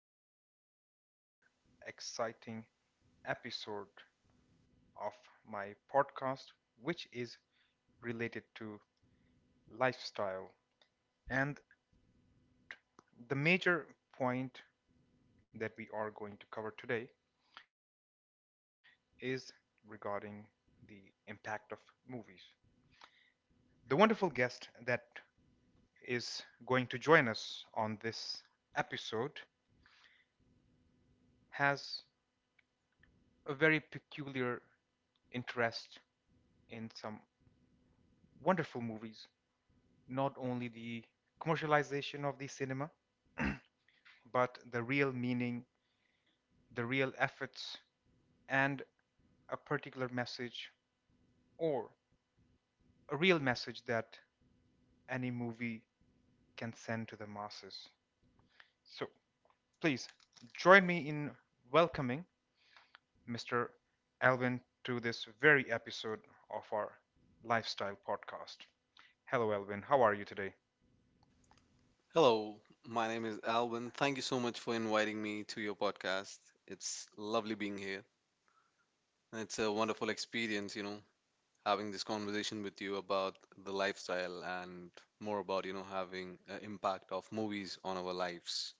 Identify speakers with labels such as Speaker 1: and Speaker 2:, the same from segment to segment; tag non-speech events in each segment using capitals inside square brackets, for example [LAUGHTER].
Speaker 1: to yet another exciting episode of my podcast, which is related to lifestyle. And the major point that we are going to cover today is regarding the impact of movies. The wonderful guest that is going to join us on this episode has a very peculiar interest in some wonderful movies, not only the commercialization of the cinema, but the real meaning, the real efforts, and a particular message or a real message that any movie can send to the masses. So please join me in welcoming Mr. Alvin to this very episode of our lifestyle podcast. Hello, Alvin. How are you today?
Speaker 2: Inviting me to your podcast. It's lovely being here. It's a wonderful experience, you know, having this conversation with you about the lifestyle and more about, you know, having an impact of movies on our lives.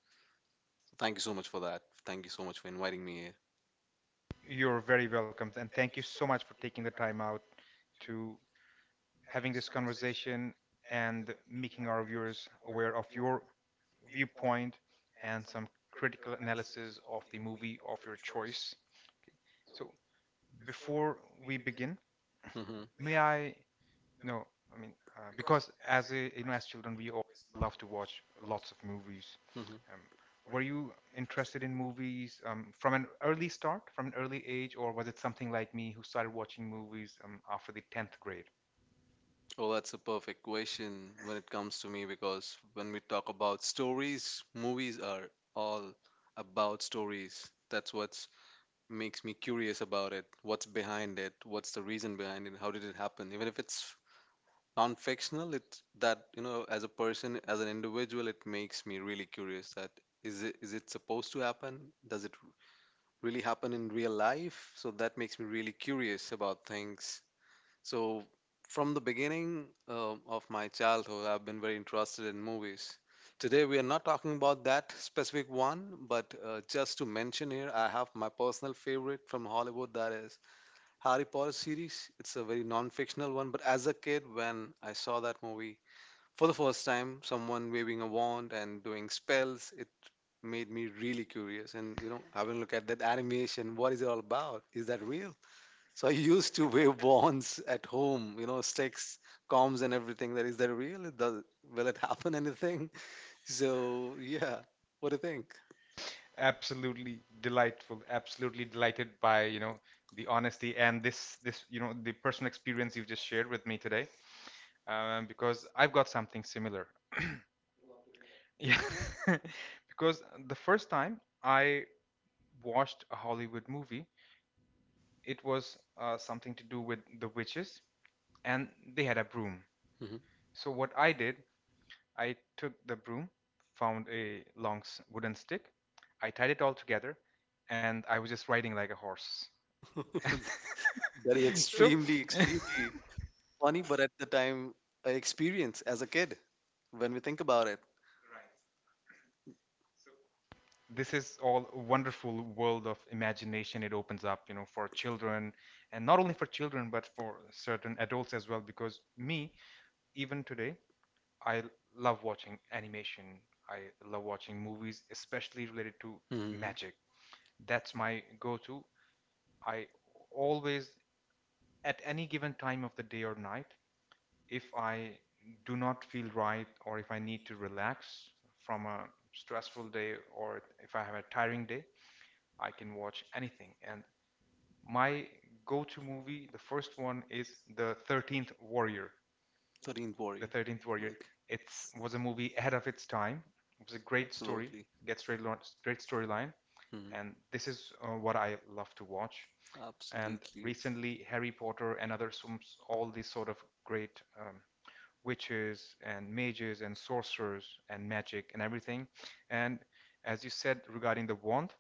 Speaker 2: Thank you so much for that. Thank you so much for inviting me here.
Speaker 1: You're very welcome, and thank you so much for taking the time out to having this conversation and making our viewers aware of your viewpoint and some critical analysis of the movie of your choice. So, before we begin,
Speaker 2: hmm
Speaker 1: may I No, I mean, because you know, as children, we all love to watch lots of movies.
Speaker 2: hmm
Speaker 1: Um, were you interested in movies from an early start, from an early age, or was it something like me who started watching movies after the 10th grade?
Speaker 2: Oh, that's a perfect question when it comes to me because when we talk about stories, movies are all about stories. That's what's makes me curious about it. What's behind it? What's the reason behind it? How did it happen? Even if it's non-fictional, it's that, you know, as a person, as an individual, it makes me really curious. That is it supposed to happen? Does it really happen in real life? So that makes me really curious about things, so from the beginning of my childhood, I've been very interested in movies. Today, we are not talking about that specific one, but just to mention here, I have my personal favorite from Hollywood that is Harry Potter series. It's a very non-fictional one, but as a kid, when I saw that movie for the first time, someone waving a wand and doing spells, it made me really curious. And you know, having a look at that animation, what is it all about? Is that real? So I used to wave wands at home, you know, sticks, comms, and everything. That is that real? It does will it happen [LAUGHS] anything? So yeah, what do you think?
Speaker 1: Absolutely delightful. Absolutely delighted by, you know, the honesty and this, you know, the personal experience you've just shared with me today, because I've got something similar. [LAUGHS] Yeah, [LAUGHS] because the first time I watched a Hollywood movie. It was something to do with the witches, and they had a broom.
Speaker 2: Mhm.
Speaker 1: So what I did, I took the broom, found a wooden stick, I tied it all together, and I was just riding like a horse.
Speaker 2: [LAUGHS]
Speaker 1: [LAUGHS]
Speaker 2: That is
Speaker 1: So
Speaker 2: extremely,
Speaker 1: [LAUGHS]
Speaker 2: extremely funny, but at the time, I experience as a kid when we think about it.
Speaker 1: this is all a wonderful world of imagination. It opens up, you know, for children, and not only for children but for certain adults as well, because me, even today, I love watching animation. I love watching movies, especially related to
Speaker 2: Hmm.
Speaker 1: magic. That's my go to. I always, at any given time of the day or night, if I do not feel right or if I need to relax from a stressful day or if I have a tiring day, I can watch anything. And my go to movie, the first one is The 13th Warrior.
Speaker 2: 13th Warrior,
Speaker 1: The 13th Warrior.
Speaker 2: like,
Speaker 1: It was a movie ahead of its time. It was a great story,
Speaker 2: absolutely.
Speaker 1: gets great storyline,
Speaker 2: Mhm.
Speaker 1: and this is what I love to watch. And
Speaker 2: Absolutely.
Speaker 1: recently, Harry Potter and other all these sort of great witches and mages and sorcerers and magic and everything. And as you said regarding the wand,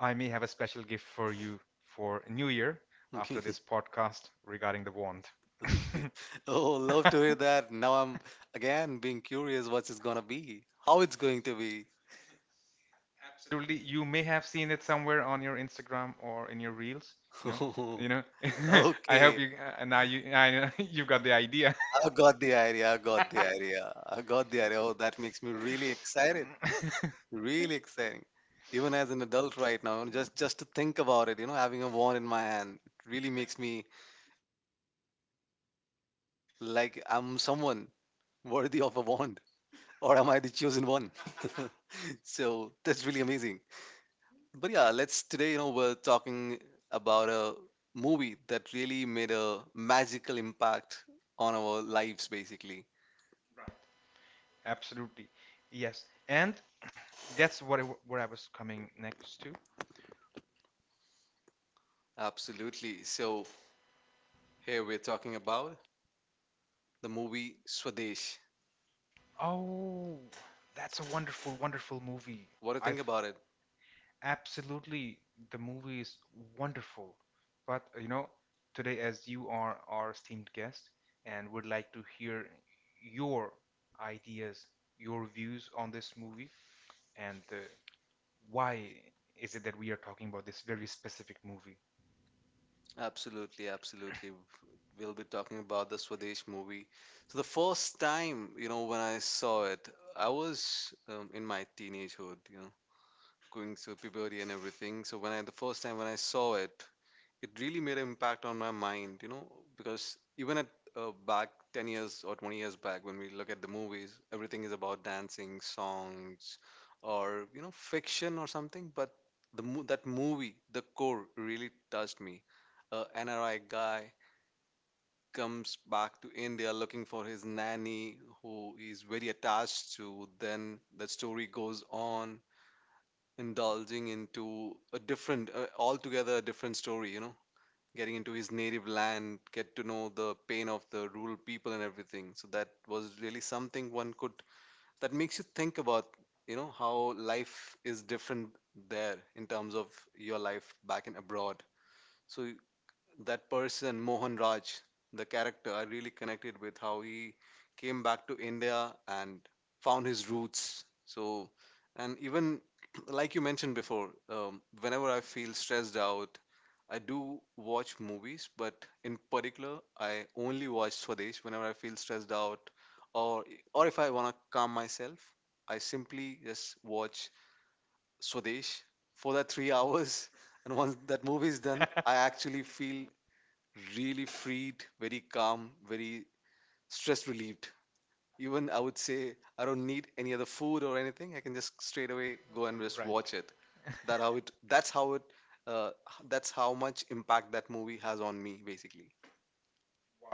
Speaker 1: I may have a special gift for you for New Year
Speaker 2: Okay.
Speaker 1: after this
Speaker 2: [LAUGHS]
Speaker 1: podcast regarding the wand.
Speaker 2: Okay.
Speaker 1: [LAUGHS]
Speaker 2: Oh, love to hear that. Now I'm again being curious what it's gonna be, how it's going to be.
Speaker 1: Truly, you may have seen it somewhere on your Instagram or in your reels. You know,
Speaker 2: [LAUGHS] Oh,
Speaker 1: you know. [LAUGHS] I hope
Speaker 2: okay.
Speaker 1: you now you I, know [LAUGHS] you've got the idea.
Speaker 2: I got the idea. I got the idea. I got the idea. Oh, that makes me really excited.
Speaker 1: [LAUGHS]
Speaker 2: Really exciting. Even as an adult right now, just to think about it, you know, having a wand in my hand, it really makes me like I'm someone worthy of a wand, or am I the chosen one? [LAUGHS] So that's really amazing. But yeah, let's today, you know, we're talking about a movie that really made a magical impact on our lives, basically.
Speaker 1: Absolutely, yes. And that's what where I was coming next to.
Speaker 2: Absolutely. So here we're talking about the movie Swadesh.
Speaker 1: Oh, that's a wonderful, wonderful movie.
Speaker 2: What do you think
Speaker 1: I've
Speaker 2: about it?
Speaker 1: absolutely the movie is wonderful but you know, today, as you are our esteemed guest, and would like to hear your ideas, your views on this movie, and why is it that we are talking about this very specific movie.
Speaker 2: Absolutely, absolutely. We'll be talking about the Swadesh movie. So the first time, you know, when I saw it, I was in my teenagehood, you know, going through puberty and everything. So when I the first time when I saw it, it really made an impact on my mind, you know, because even at back 10 years or 20 years back, when we look at the movies, everything is about dancing, songs or, you know, fiction or something, but that movie, the core really touched me. A NRI guy comes back to India looking for his nanny who he's very attached to. Then the story goes on indulging into a different, altogether a different story, you know, getting into his native land, get to know the pain of the rural people and everything. So that was really something one could, that makes you think about, you know, how life is different there in terms of your life back in abroad. So that person Mohan Raj, the character, I really connected with how he came back to India and found his roots. So, and even [CLEARS THROAT] like you mentioned before, whenever I feel stressed out, I do watch movies, but in particular, I only watch Swadesh whenever I feel stressed out, or or if I want to calm myself, I simply just watch Swadesh for that 3 hours. [LAUGHS] And once that movie is done,
Speaker 1: [LAUGHS]
Speaker 2: I actually feel really freed, very calm, very stress relieved. Even I would say I don't need any other food or anything. I can just straight away go and just
Speaker 1: Right
Speaker 2: watch it. That's how it. Uh, that's how much impact that movie has on me, basically.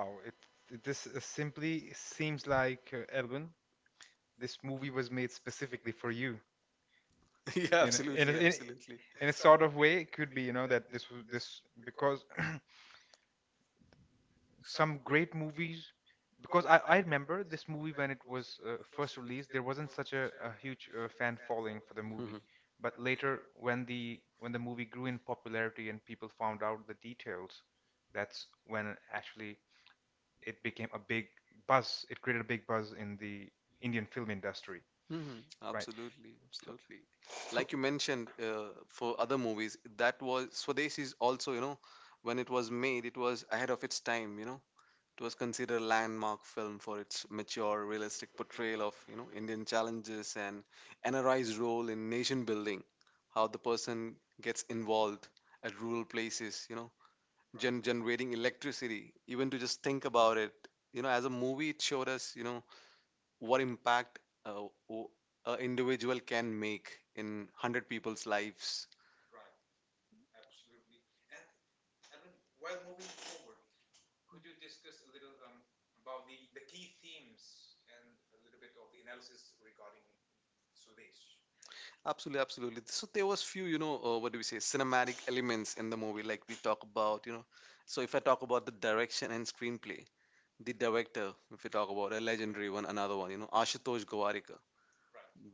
Speaker 1: now this simply seems like Edwin, this movie was made specifically for you
Speaker 2: [LAUGHS] Yeah,
Speaker 1: in a, in a,
Speaker 2: absolutely,
Speaker 1: in,
Speaker 2: absolutely.
Speaker 1: in a sort of way. It could be, you know, that this was this because [CLEARS THROAT] some great movies because I remember this movie when it was first released there wasn't such a huge fan following for the
Speaker 2: Mhm.
Speaker 1: movie, but later when the movie grew in popularity and people found out the details, that's when actually it became a big buzz. It created a big buzz in the Indian film industry.
Speaker 2: Hmm.
Speaker 1: Right.
Speaker 2: Absolutely,
Speaker 1: So
Speaker 2: absolutely.
Speaker 1: so
Speaker 2: Like you mentioned, for other movies, that was Swadeshi is also, you know, when it was made, it was ahead of its time. You know, it was considered a landmark film for its mature, realistic portrayal of, you know, Indian challenges and NRI's role in nation building, how the person gets involved at rural places, you know, generating electricity. Even to just think about it, you know, as a movie, it showed us, you know, what impact uh, o- a individual can make in 100 people's lives. Absolutely, absolutely. So there was few, you know, what do we say, cinematic elements in the movie. Like we talk about, you know, so if I talk about the direction and screenplay, the director, if we talk about a legendary one, another one, you know, Ashutosh Gowarikar,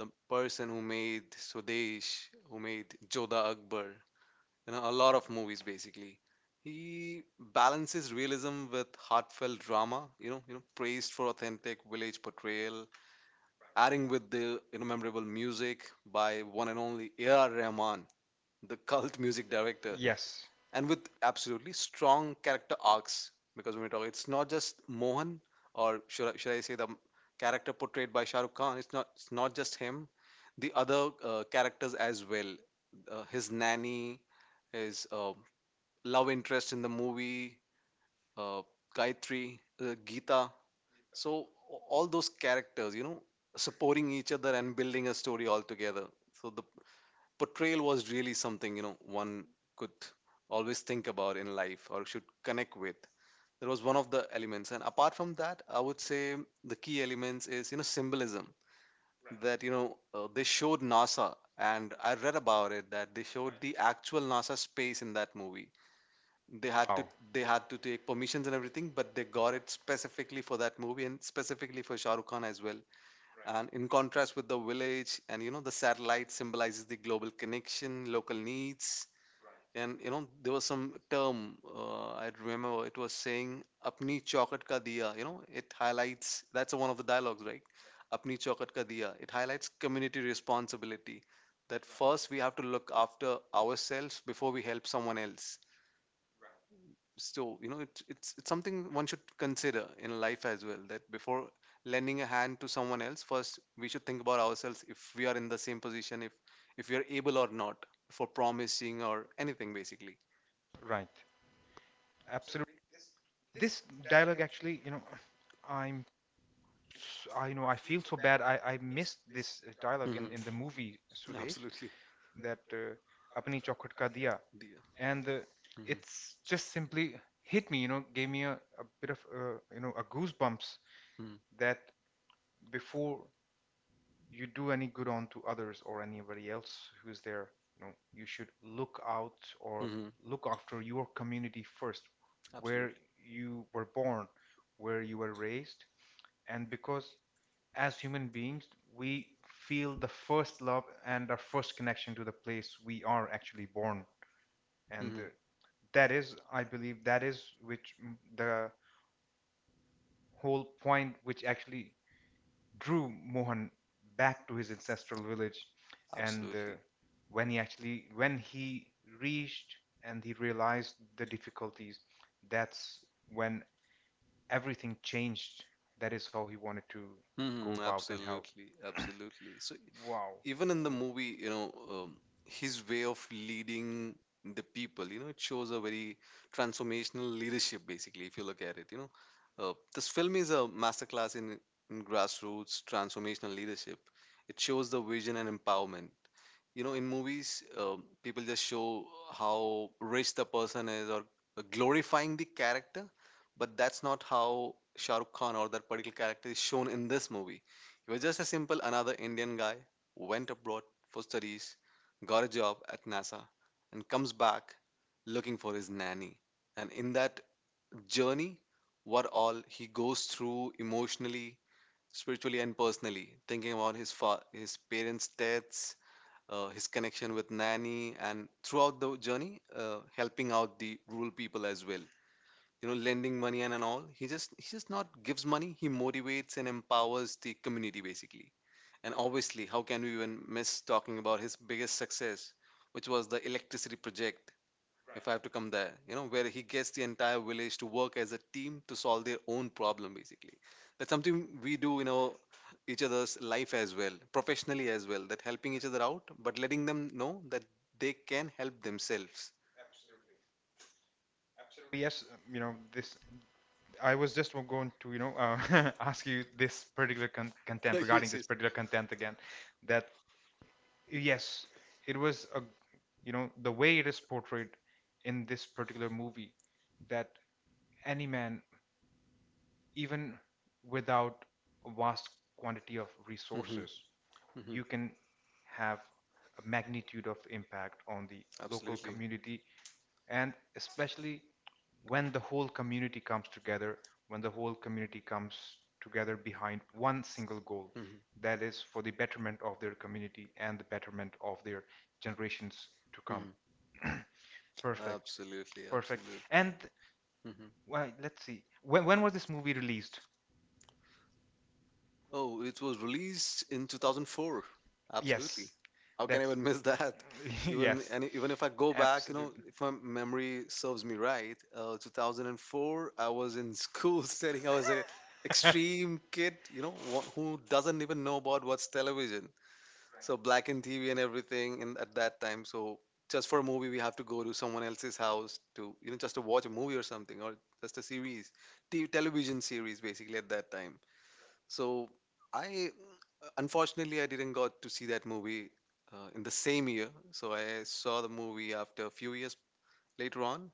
Speaker 2: the person who made Swadesh, who made Jodha Akbar, you know, a lot of movies basically. He balances realism with heartfelt drama, you know, praised for authentic village portrayal, adding with the, you know, memorable music by one and only A.R. Rahman, the cult music director,
Speaker 1: yes.
Speaker 2: and with absolutely strong character arcs. Because when we talk, it's not just Mohan, or should I say the character portrayed by Shah Rukh Khan. It's not just him, the other characters as well. His nanny, his love interest in the movie, uh, Gayatri, Geeta. So all those characters, you know, supporting each other and building a story all together. So the portrayal was really something, you know, one could always think about in life or should connect with. That was one of the elements. And apart from that, I would say the key elements is, you know, symbolism. Right. That, you know, they showed NASA, and I read about it that they showed the actual NASA space in that movie. they had to
Speaker 1: Wow.
Speaker 2: they had to take permissions and everything, but they got it specifically for that movie and specifically for Shah Rukh Khan as well, and in contrast with the village. And you know, the satellite symbolizes the global connection, local needs. And you know, there was some term, I remember it was saying apni chaukat ka diya. You know, it highlights, that's one of the dialogues, right? Apni chaukat ka diya, it highlights community responsibility, that first we have to look after ourselves before we help someone else. So you know, it's something one should consider in life as well, that before lending a hand to someone else, first we should think about ourselves, if we are in the same position, if we are able or not, for promising or anything basically.
Speaker 1: Right. Absolutely. This dialogue actually, you know, I'm I know I feel so bad. I missed this dialogue
Speaker 2: Mhm.
Speaker 1: in the movie Sudesh,
Speaker 2: Absolutely,
Speaker 1: that apni chokhat ka diya,
Speaker 2: dear.
Speaker 1: and it's just simply hit me. You know, gave me a bit of, you know, a goosebumps,
Speaker 2: Mhm.
Speaker 1: that before you do any good on to others or anybody else who's there, you know, you should look out or
Speaker 2: Hmm.
Speaker 1: look after your community first, where
Speaker 2: Absolutely.
Speaker 1: you were born, where you were raised, and because, as human beings, we feel the first love and our first connection to the place we are actually born. And
Speaker 2: Hmm.
Speaker 1: that is, I believe, that is which the whole point which actually drew Mohan back to his ancestral village. And
Speaker 2: Absolutely.
Speaker 1: when he actually, when he reached and he realized the difficulties, that's when everything changed. That is how he wanted to
Speaker 2: There.
Speaker 1: go
Speaker 2: Hmm. Wow.
Speaker 1: about and help.
Speaker 2: Absolutely. Absolutely. So
Speaker 1: Wow.
Speaker 2: even in the movie, you know, his way of leading the people, you know, it shows a very transformational leadership, basically, if you look at it, you know. This film is a masterclass in grassroots transformational leadership. It shows the vision and empowerment. You know, in movies, people just show how rich the person is or glorifying the character, but that's not how Shah Rukh Khan or that particular character is shown in this movie. He was just a simple another Indian guy who went abroad for studies, got a job at NASA, and comes back looking for his nanny. And in that journey, what all he goes through emotionally, spiritually, and personally, thinking about his parents deaths, his connection with Nanny, and throughout the journey, helping out the rural people as well. You know, lending money and all. He just not gives money. He motivates and empowers the community basically. And obviously, how can we even miss talking about his biggest success, which was the electricity project? If I have to come there, you know, where he gets the entire village to work as a team to solve their own problem, basically. That's something we do in our each other's life as well, professionally as well, that helping each other out, but letting them know that they can help themselves.
Speaker 1: Yes, you know, this I was just going to, you know, [LAUGHS] ask you this particular content
Speaker 2: [LAUGHS]
Speaker 1: regarding
Speaker 2: Yes,
Speaker 1: this
Speaker 2: yes.
Speaker 1: particular content again, that yes, it was a, you know, the way it is portrayed in this particular movie, that any man, even without a vast quantity of
Speaker 2: Hmm.
Speaker 1: resources,
Speaker 2: Hmm.
Speaker 1: you can have a magnitude of impact on the local
Speaker 2: Absolutely.
Speaker 1: community, and especially when the whole community comes together, when the whole community comes together behind one single goal,
Speaker 2: Mhm,
Speaker 1: that is for the betterment of their community and the betterment of their generations to come.
Speaker 2: mhm.
Speaker 1: [CLEARS THROAT] Perfect,
Speaker 2: Absolutely,
Speaker 1: perfect.
Speaker 2: absolutely.
Speaker 1: And
Speaker 2: Hmm.
Speaker 1: well, let's see, when was this movie released?
Speaker 2: Oh, it was released in 2004. Absolutely.
Speaker 1: Yes,
Speaker 2: How can I
Speaker 1: that's
Speaker 2: even miss that? [LAUGHS]
Speaker 1: [LAUGHS]
Speaker 2: Even
Speaker 1: yes,
Speaker 2: and even if I go back, you know,
Speaker 1: absolutely.
Speaker 2: if my memory serves me right, 2004, I was in school [LAUGHS] studying. I was a
Speaker 1: [LAUGHS]
Speaker 2: extreme kid, you know, who doesn't even know about what's television. So black and TV and everything in at that time. So just for a movie, we have to go to someone else's house to just to watch a movie or something, or just a series, TV, television series basically at that time. So I unfortunately I didn't got to see that movie in the same year. So I saw the movie after a few years later on.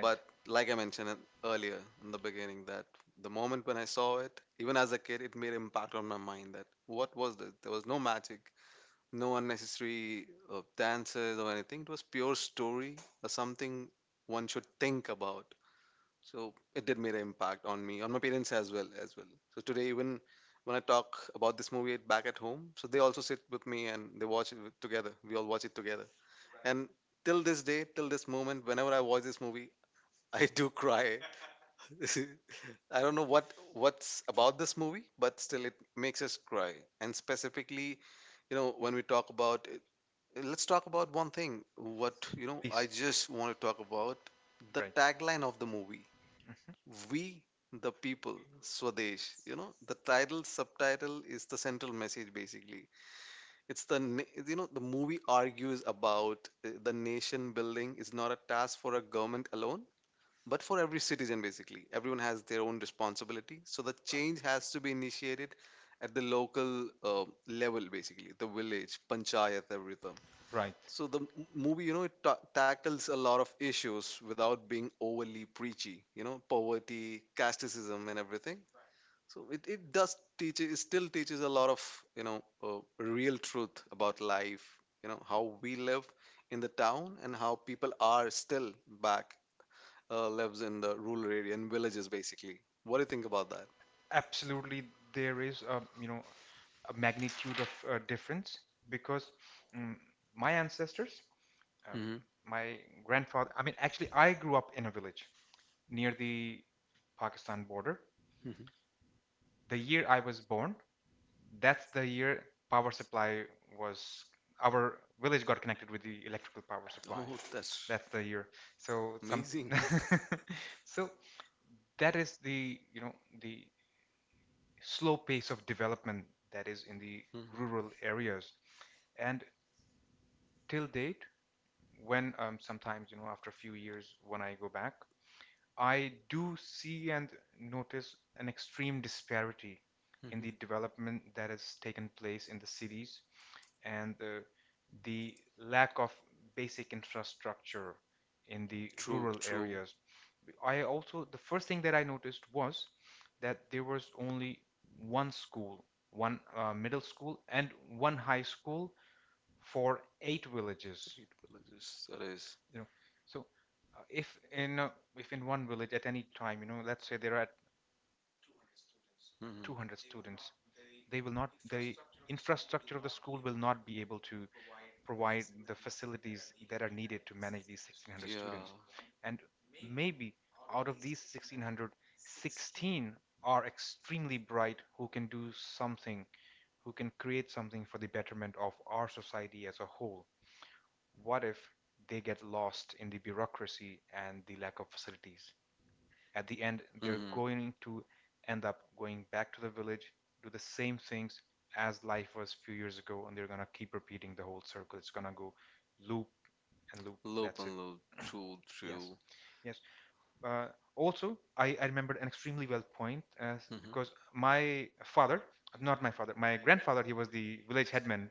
Speaker 1: Right.
Speaker 2: But like I mentioned it earlier in the beginning, that the moment when I saw it, even as a kid, it made impact on my mind that what was this? There was no magic, no unnecessary dances or anything. It was pure story or something one should think about. So it did make an impact on me, on my parents as well, as well. So today, even when I talk about this movie back at home, so they also sit with me and they watch together. We all watch it together. And till this day, till this moment, whenever I watch this movie, [LAUGHS] I do cry. [LAUGHS] I don't know what's about this movie, but still it makes us cry. And specifically, you know, when we talk about it, let's talk about one thing. I
Speaker 1: Yes,
Speaker 2: just want to talk about the
Speaker 1: right,
Speaker 2: tagline of the movie. We the people, Swadesh. You know, the title subtitle is the central message. Basically, you know the movie argues about the nation building is not a task for a government alone. But for every citizen, basically, everyone has their own responsibility. So the change has to be initiated at the local level, basically, the village, panchayat, everything.
Speaker 1: right.
Speaker 2: So movie, you know, tackles a lot of issues without being overly preachy. You know, poverty, casteism, and everything. So it still teaches a lot of real truth about life. You know how we live in the town and how people are still back, lives in the rural area and villages basically. What do you think about that?
Speaker 1: Absolutely, there is, a you know, a magnitude of difference because, mm, my ancestors, um,
Speaker 2: Hmm.
Speaker 1: my grandfather, I mean, actually I grew up in a village near the Pakistan border.
Speaker 2: Hmm.
Speaker 1: The year I was born, that's the year power supply was our village got connected with the electrical power supply.
Speaker 2: Oh, that's
Speaker 1: That's the year. So some
Speaker 2: amazing.
Speaker 1: [LAUGHS] so that is, the you know, the slow pace of development that is in the
Speaker 2: [LAUGHS] Hmm.
Speaker 1: rural areas. And till date, when sometimes, you know, after a few years, when I go back, I do see and notice an extreme disparity in the
Speaker 2: Hmm.
Speaker 1: development that has taken place in the cities and the lack of basic infrastructure in the
Speaker 2: True,
Speaker 1: rural
Speaker 2: true.
Speaker 1: areas. I also, the first thing that I noticed was that there was only one school, one middle school, and one high school for eight
Speaker 2: Eight
Speaker 1: villages.
Speaker 2: villages, that is.
Speaker 1: You know, so uh, if in uh, if in one village at any time, you know, let's say there are 200 students,
Speaker 2: Mm-hmm.
Speaker 1: they will not the infrastructure of the school will not be able to provide the facilities that are needed to manage these 1,600 students.
Speaker 2: Yeah.
Speaker 1: And maybe out of these 1,600, 16 are extremely bright, who can do something, who can create something for the betterment of our society as a whole. What if they get lost in the bureaucracy and the lack of facilities? At the end, they're
Speaker 2: Mm-hmm.
Speaker 1: going to end up going back to the village, do the same things as life was a few years ago, and they're gonna keep repeating the whole circle. It's gonna go loop and loop.
Speaker 2: Loop
Speaker 1: That's it.
Speaker 2: and loop. True,
Speaker 1: Yes,
Speaker 2: true.
Speaker 1: yes. Uh, also, I remembered an extremely well point as
Speaker 2: Mm-hmm.
Speaker 1: because my father, not my father, my grandfather, he was the village headman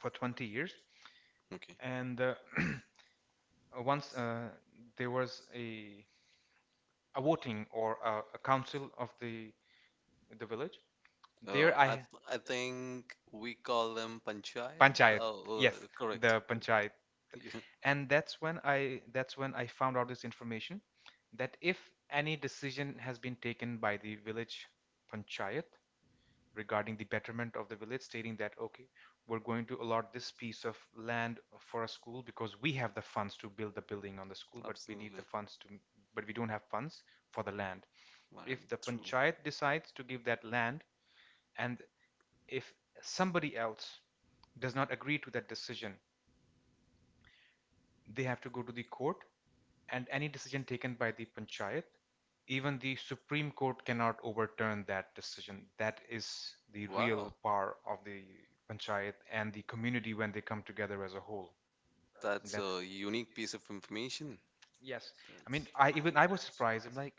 Speaker 1: for 20 years,
Speaker 2: Okay.
Speaker 1: and [CLEARS THROAT] once there was a voting or a council of the village
Speaker 2: Uh,
Speaker 1: There
Speaker 2: I
Speaker 1: I
Speaker 2: th- I think we call them panchayat.
Speaker 1: panchayat.
Speaker 2: Oh,
Speaker 1: Yes,
Speaker 2: correct.
Speaker 1: the
Speaker 2: [LAUGHS]
Speaker 1: panchayat. And that's when I found out this information, that if any decision has been taken by the village panchayat regarding the betterment of the village, stating that okay, we're going to allot this piece of land for a school, because we have the funds to build the
Speaker 2: Yeah.
Speaker 1: building on the school, but we need
Speaker 2: Absolutely.
Speaker 1: the funds to but we don't have funds for the land. If
Speaker 2: Land.
Speaker 1: the panchayat decides to give that land, and if somebody else does not agree to that decision, they have to go to the court, and any decision taken by the panchayat, even the Supreme Court cannot overturn that decision. That is the real
Speaker 2: Wow,
Speaker 1: power of the panchayat and the community when they come together as a whole.
Speaker 2: that's a
Speaker 1: That's
Speaker 2: unique piece of information.
Speaker 1: yes. I mean, I even I was surprised. I'm like,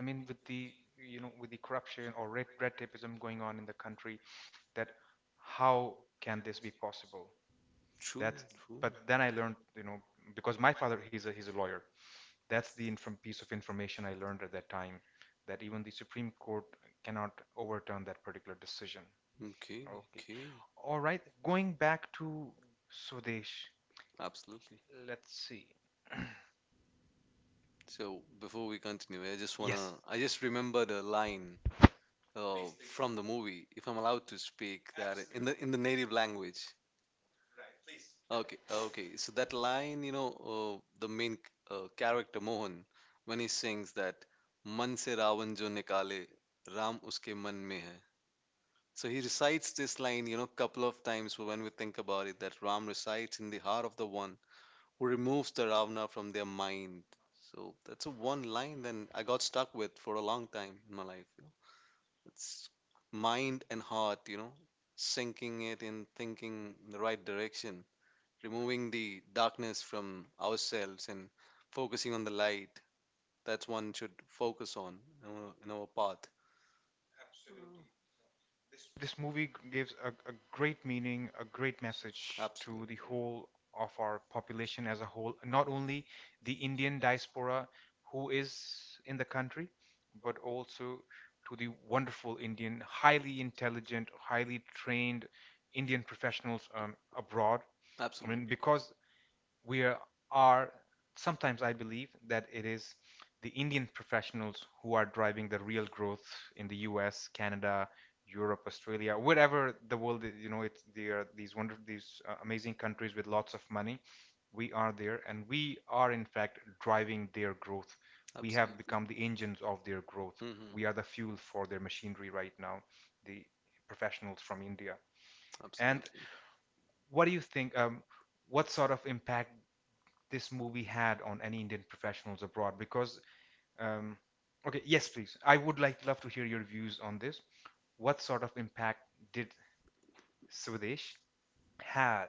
Speaker 1: I mean, with the, you know, with the corruption or red tapeism going on in the country, that how can this be possible?
Speaker 2: True.
Speaker 1: That's
Speaker 2: True.
Speaker 1: but then I learned, you know, because my father he's a lawyer, that's the piece of information I learned at that time, that even the Supreme Court cannot overturn that particular decision.
Speaker 2: Okay,
Speaker 1: Okay,
Speaker 2: okay,
Speaker 1: all right, going back to Sudesh,
Speaker 2: absolutely.
Speaker 1: let's see.
Speaker 2: So before we continue,
Speaker 1: Yes.
Speaker 2: I just remembered a line uh, from the movie, if I'm allowed to speak that in the native language. Okay, okay. So that line, you know, the main character Mohan, when he sings that "Man se Ravan jo nikale, Ram uske man mein hai." So he recites this line, you know, couple of times when we think about it, that Ram resides in the heart of the one who removes the Ravana from their mind. So that's a one line then I got stuck with for a long time in my life. You know, it's mind and heart, you know, sinking it in, thinking in the right direction, removing the darkness from ourselves and focusing on the light that's one should focus on in our path.
Speaker 1: This movie gives a great meaning, a great message to
Speaker 2: Absolutely,
Speaker 1: the
Speaker 2: yeah.
Speaker 1: whole of our population as a whole, not only the Indian diaspora who is in the country, but also to the wonderful Indian, highly intelligent, highly trained Indian professionals abroad. I mean,
Speaker 2: Absolutely,
Speaker 1: because we are sometimes I believe that it is the Indian professionals who are driving the real growth in the U.S., Canada, Europe, Australia, wherever the world. You know, it's there are these amazing countries with lots of money. We are there, and we are in fact driving their growth. We have
Speaker 2: absolutely.
Speaker 1: become the engines of their growth.
Speaker 2: Hmm.
Speaker 1: We are the fuel for their machinery right now. The professionals from India. And
Speaker 2: Absolutely.
Speaker 1: what do you think? What sort of impact this movie had on any Indian professionals abroad? Because, um, okay, yes, please. I would like love to hear your views on this. What sort of impact did Swadesh had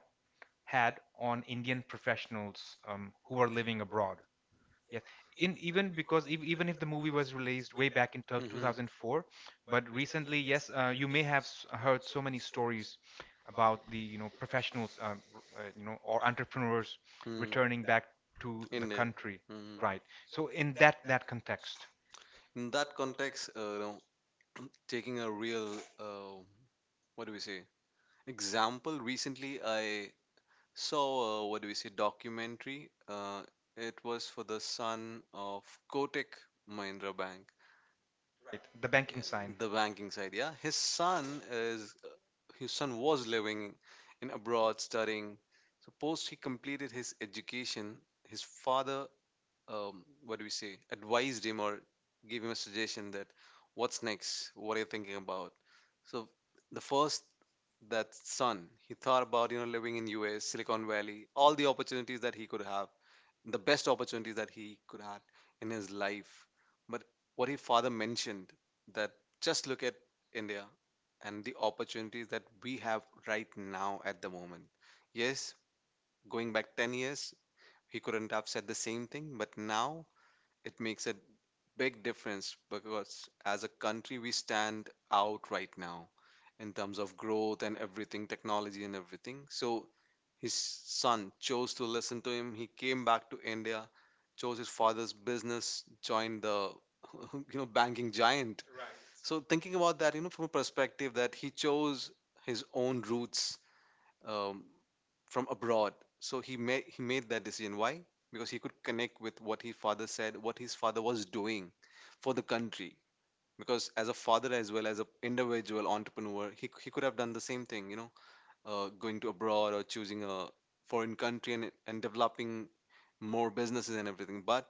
Speaker 1: had on Indian professionals who are living abroad? Yes, in even because even if the movie was released way back in
Speaker 2: Hmm.
Speaker 1: 2004, but recently, yes, you may have heard so many stories about the you know professionals, you know, or entrepreneurs
Speaker 2: Hmm.
Speaker 1: returning back to the
Speaker 2: In there.
Speaker 1: country,
Speaker 2: Hmm.
Speaker 1: right? So in that context,
Speaker 2: In that context, you know, taking a real uh, what do we say, example recently I so, what do we say? Documentary. It was for the son of Kotak Mahindra Bank.
Speaker 1: right, the banking
Speaker 2: Yeah,
Speaker 1: sign,
Speaker 2: the banking side, yeah. Is uh, his son was living in abroad studying. So post he completed his education, his father, what do we say, advised him or gave him a suggestion that what's next? What are you thinking about? So the first, that son he thought about, you know, living in US Silicon Valley, all the opportunities that he could have, the best opportunities that he could have in his life. But what his father mentioned that just look at India and the opportunities that we have right now at the moment, yes, going back 10 years he couldn't have said the same thing, but now it makes a big difference because as a country we stand out right now in terms of growth and everything, technology and everything. So his son chose to listen to him, he came back to India, chose his father's business, joined the [LAUGHS] you know banking giant. So thinking about that, you know, from a perspective that he chose his own roots, um, from abroad. So he made that decision. Why? Because he could connect with what his father said, what his father was doing for the country. Because as a father as well as a individual entrepreneur, he could have done the same thing, you know, going to abroad or choosing a foreign country and developing more businesses and everything. But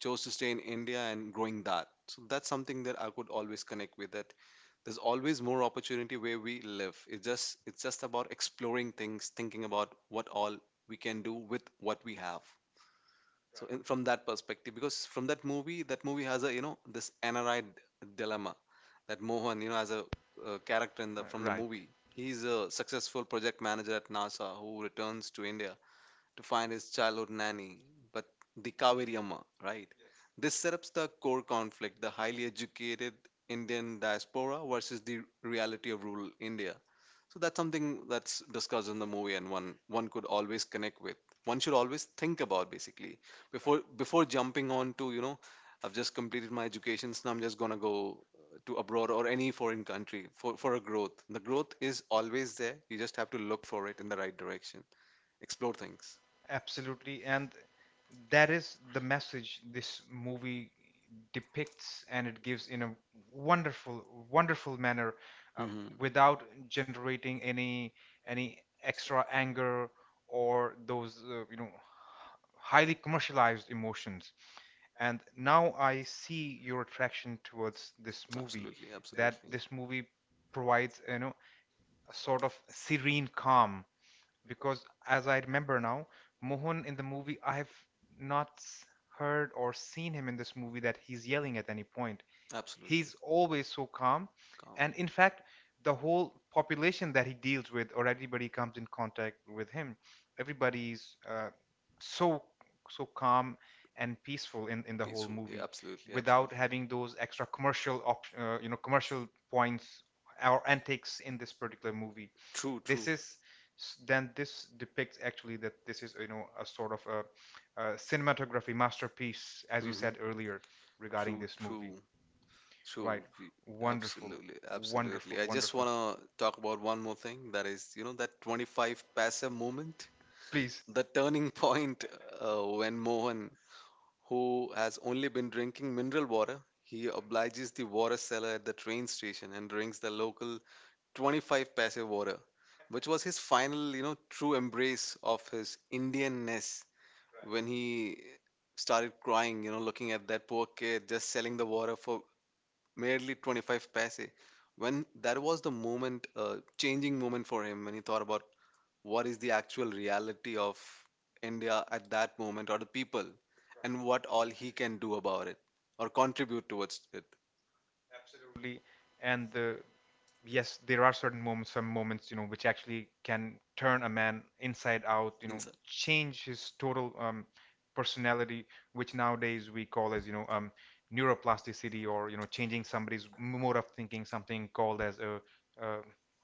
Speaker 2: chose to stay in India and growing that. So that's something that I could always connect with, that there's always more opportunity where we live. It's just about exploring things, thinking about what all we can do with what we have. So in, from that perspective, because from that movie has a you know this NRI dilemma that Mohan you know as a character in the from the
Speaker 1: right?
Speaker 2: movie, he's a successful project manager at NASA who returns to India to find his childhood nanny, but the Kaveri Amma, right? This setups the core conflict, the highly educated Indian diaspora versus the reality of rural India. So that's something that's discussed in the movie and one could always connect with. One should always think about basically before jumping on to, you know, I've just completed my education, so I'm just gonna go to abroad or any foreign country for a growth. The growth is always there. You just have to look for it in the right direction. Explore things.
Speaker 1: Absolutely. And that is the message this movie depicts and it gives in a wonderful, wonderful manner, um,
Speaker 2: Hmm.
Speaker 1: without generating any extra anger or those you know highly commercialized emotions. And now I see your attraction towards this movie,
Speaker 2: Absolutely,
Speaker 1: that
Speaker 2: absolutely,
Speaker 1: this movie provides, you know, a sort of serene calm, because as I remember now, Mohan in the movie, I have not s- heard or seen him in this movie that he's yelling at any point.
Speaker 2: absolutely.
Speaker 1: He's always so calm.
Speaker 2: Calm,
Speaker 1: And in fact, the whole population that he deals with or everybody comes in contact with him, everybody's so so calm and peaceful in the whole
Speaker 2: peaceful. Yeah,
Speaker 1: movie
Speaker 2: absolutely,
Speaker 1: without
Speaker 2: absolutely.
Speaker 1: having those extra you know commercial points or antics in this particular movie.
Speaker 2: True, true.
Speaker 1: This is then this depicts actually that this is, you know, a sort of a cinematography masterpiece as you
Speaker 2: Hmm.
Speaker 1: said earlier regarding
Speaker 2: True,
Speaker 1: this movie,
Speaker 2: true, true.
Speaker 1: right?
Speaker 2: Y-
Speaker 1: Wonderful,
Speaker 2: absolutely,
Speaker 1: wonderful,
Speaker 2: absolutely. I just
Speaker 1: wonderful,
Speaker 2: want to talk about one more thing. That is, you know, that 25 paisa moment,
Speaker 1: please.
Speaker 2: the turning point when Mohan, who has only been drinking mineral water. He obliges the water seller at the train station and drinks the local 25 paise water, which was his final, you know, true embrace of his Indianness when he started crying, you know, looking at that poor kid just selling the water for merely 25 paise. When that was the moment, changing moment for him when he thought about what is the actual reality of India at that moment or the people and what all he can do about it or contribute towards it
Speaker 1: Absolutely. And the yes, there are certain moments, some moments, you know, which actually can turn a man inside out, you
Speaker 2: in
Speaker 1: know,
Speaker 2: some.
Speaker 1: change his total personality, which nowadays we call as, you know, neuroplasticity or, you know, changing somebody's mode of thinking, something called as a, uh,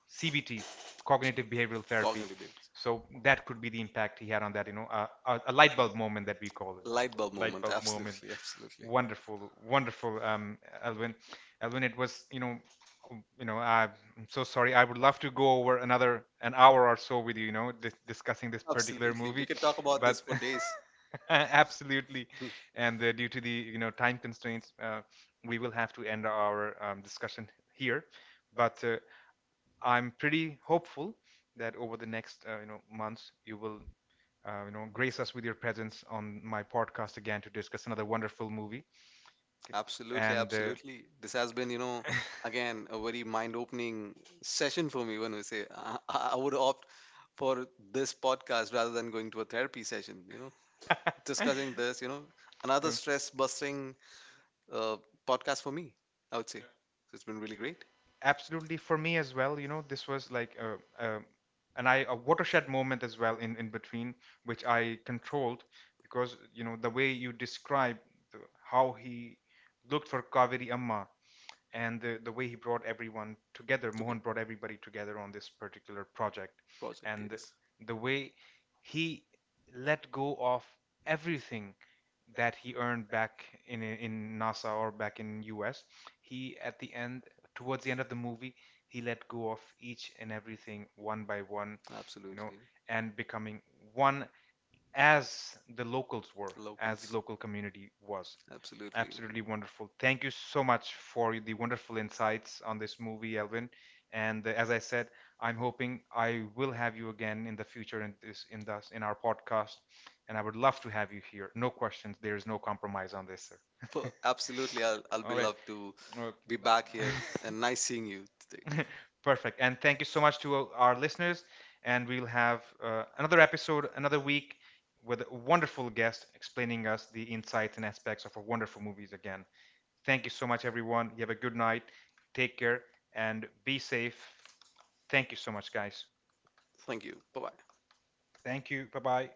Speaker 1: CBT, cognitive behavioral therapy.
Speaker 2: Cognitive behaviors.
Speaker 1: So that could be the impact he had on that, you know, a light bulb moment that we call it.
Speaker 2: Light bulb
Speaker 1: Light
Speaker 2: moment,
Speaker 1: bulb moment.
Speaker 2: absolutely, absolutely.
Speaker 1: Wonderful, wonderful, Elwin. Elwin, it was, you know, I'm so sorry. I would love to go over another an hour or so with you, you know, discussing this particular
Speaker 2: Absolutely. We
Speaker 1: movie,
Speaker 2: can talk about this
Speaker 1: but
Speaker 2: for days.
Speaker 1: [LAUGHS] absolutely,
Speaker 2: Hmm.
Speaker 1: and due to the you know time constraints, we will have to end our discussion here. But I'm pretty hopeful that over the next you know months, you will you know grace us with your presence on my podcast again to discuss another wonderful movie.
Speaker 2: [LAUGHS]
Speaker 1: K-
Speaker 2: Absolutely,
Speaker 1: and
Speaker 2: absolutely. This has been, you know, again, a very mind-opening session for me when we say I would opt for this podcast rather than going to a therapy session. You know, discussing this, you know, another
Speaker 1: um,
Speaker 2: stress busting uh, podcast for me, I would say. So it's been really great.
Speaker 1: absolutely for me as well, you know, this was like a an I a watershed moment as well in between which I controlled, because you know the way you described the, how he looked for Kaveri Amma, and the way he brought everyone together, Mohan
Speaker 2: Together.
Speaker 1: brought everybody together on this particular project,
Speaker 2: Project,
Speaker 1: and
Speaker 2: yes,
Speaker 1: the way he let go of everything that he earned back in NASA or back in US. He at the end towards the end of the movie he let go of each and everything one by one, you know,
Speaker 2: absolutely.
Speaker 1: and becoming one as the locals were, as
Speaker 2: Locals,
Speaker 1: the local community was.
Speaker 2: absolutely.
Speaker 1: Absolutely wonderful. Thank you so much for the wonderful insights on this movie, Elvin. And as I said, I'm hoping I will have you again in the future in this in this in our podcast, and I would love to have you here. No questions. There is no compromise on this,
Speaker 2: Well,
Speaker 1: sir.
Speaker 2: absolutely, I'll
Speaker 1: [LAUGHS] All
Speaker 2: be
Speaker 1: right.
Speaker 2: loved to
Speaker 1: Uh,
Speaker 2: be back here and nice seeing you today.
Speaker 1: [LAUGHS] Perfect. And thank you so much to our listeners. And we'll have another episode another week with a wonderful guest explaining us the insights and aspects of our wonderful movies again. Thank you so much, everyone. You have a good night. Take care and be safe. Thank you so much, guys.
Speaker 2: Thank you. Bye bye.
Speaker 1: Thank you. Bye bye.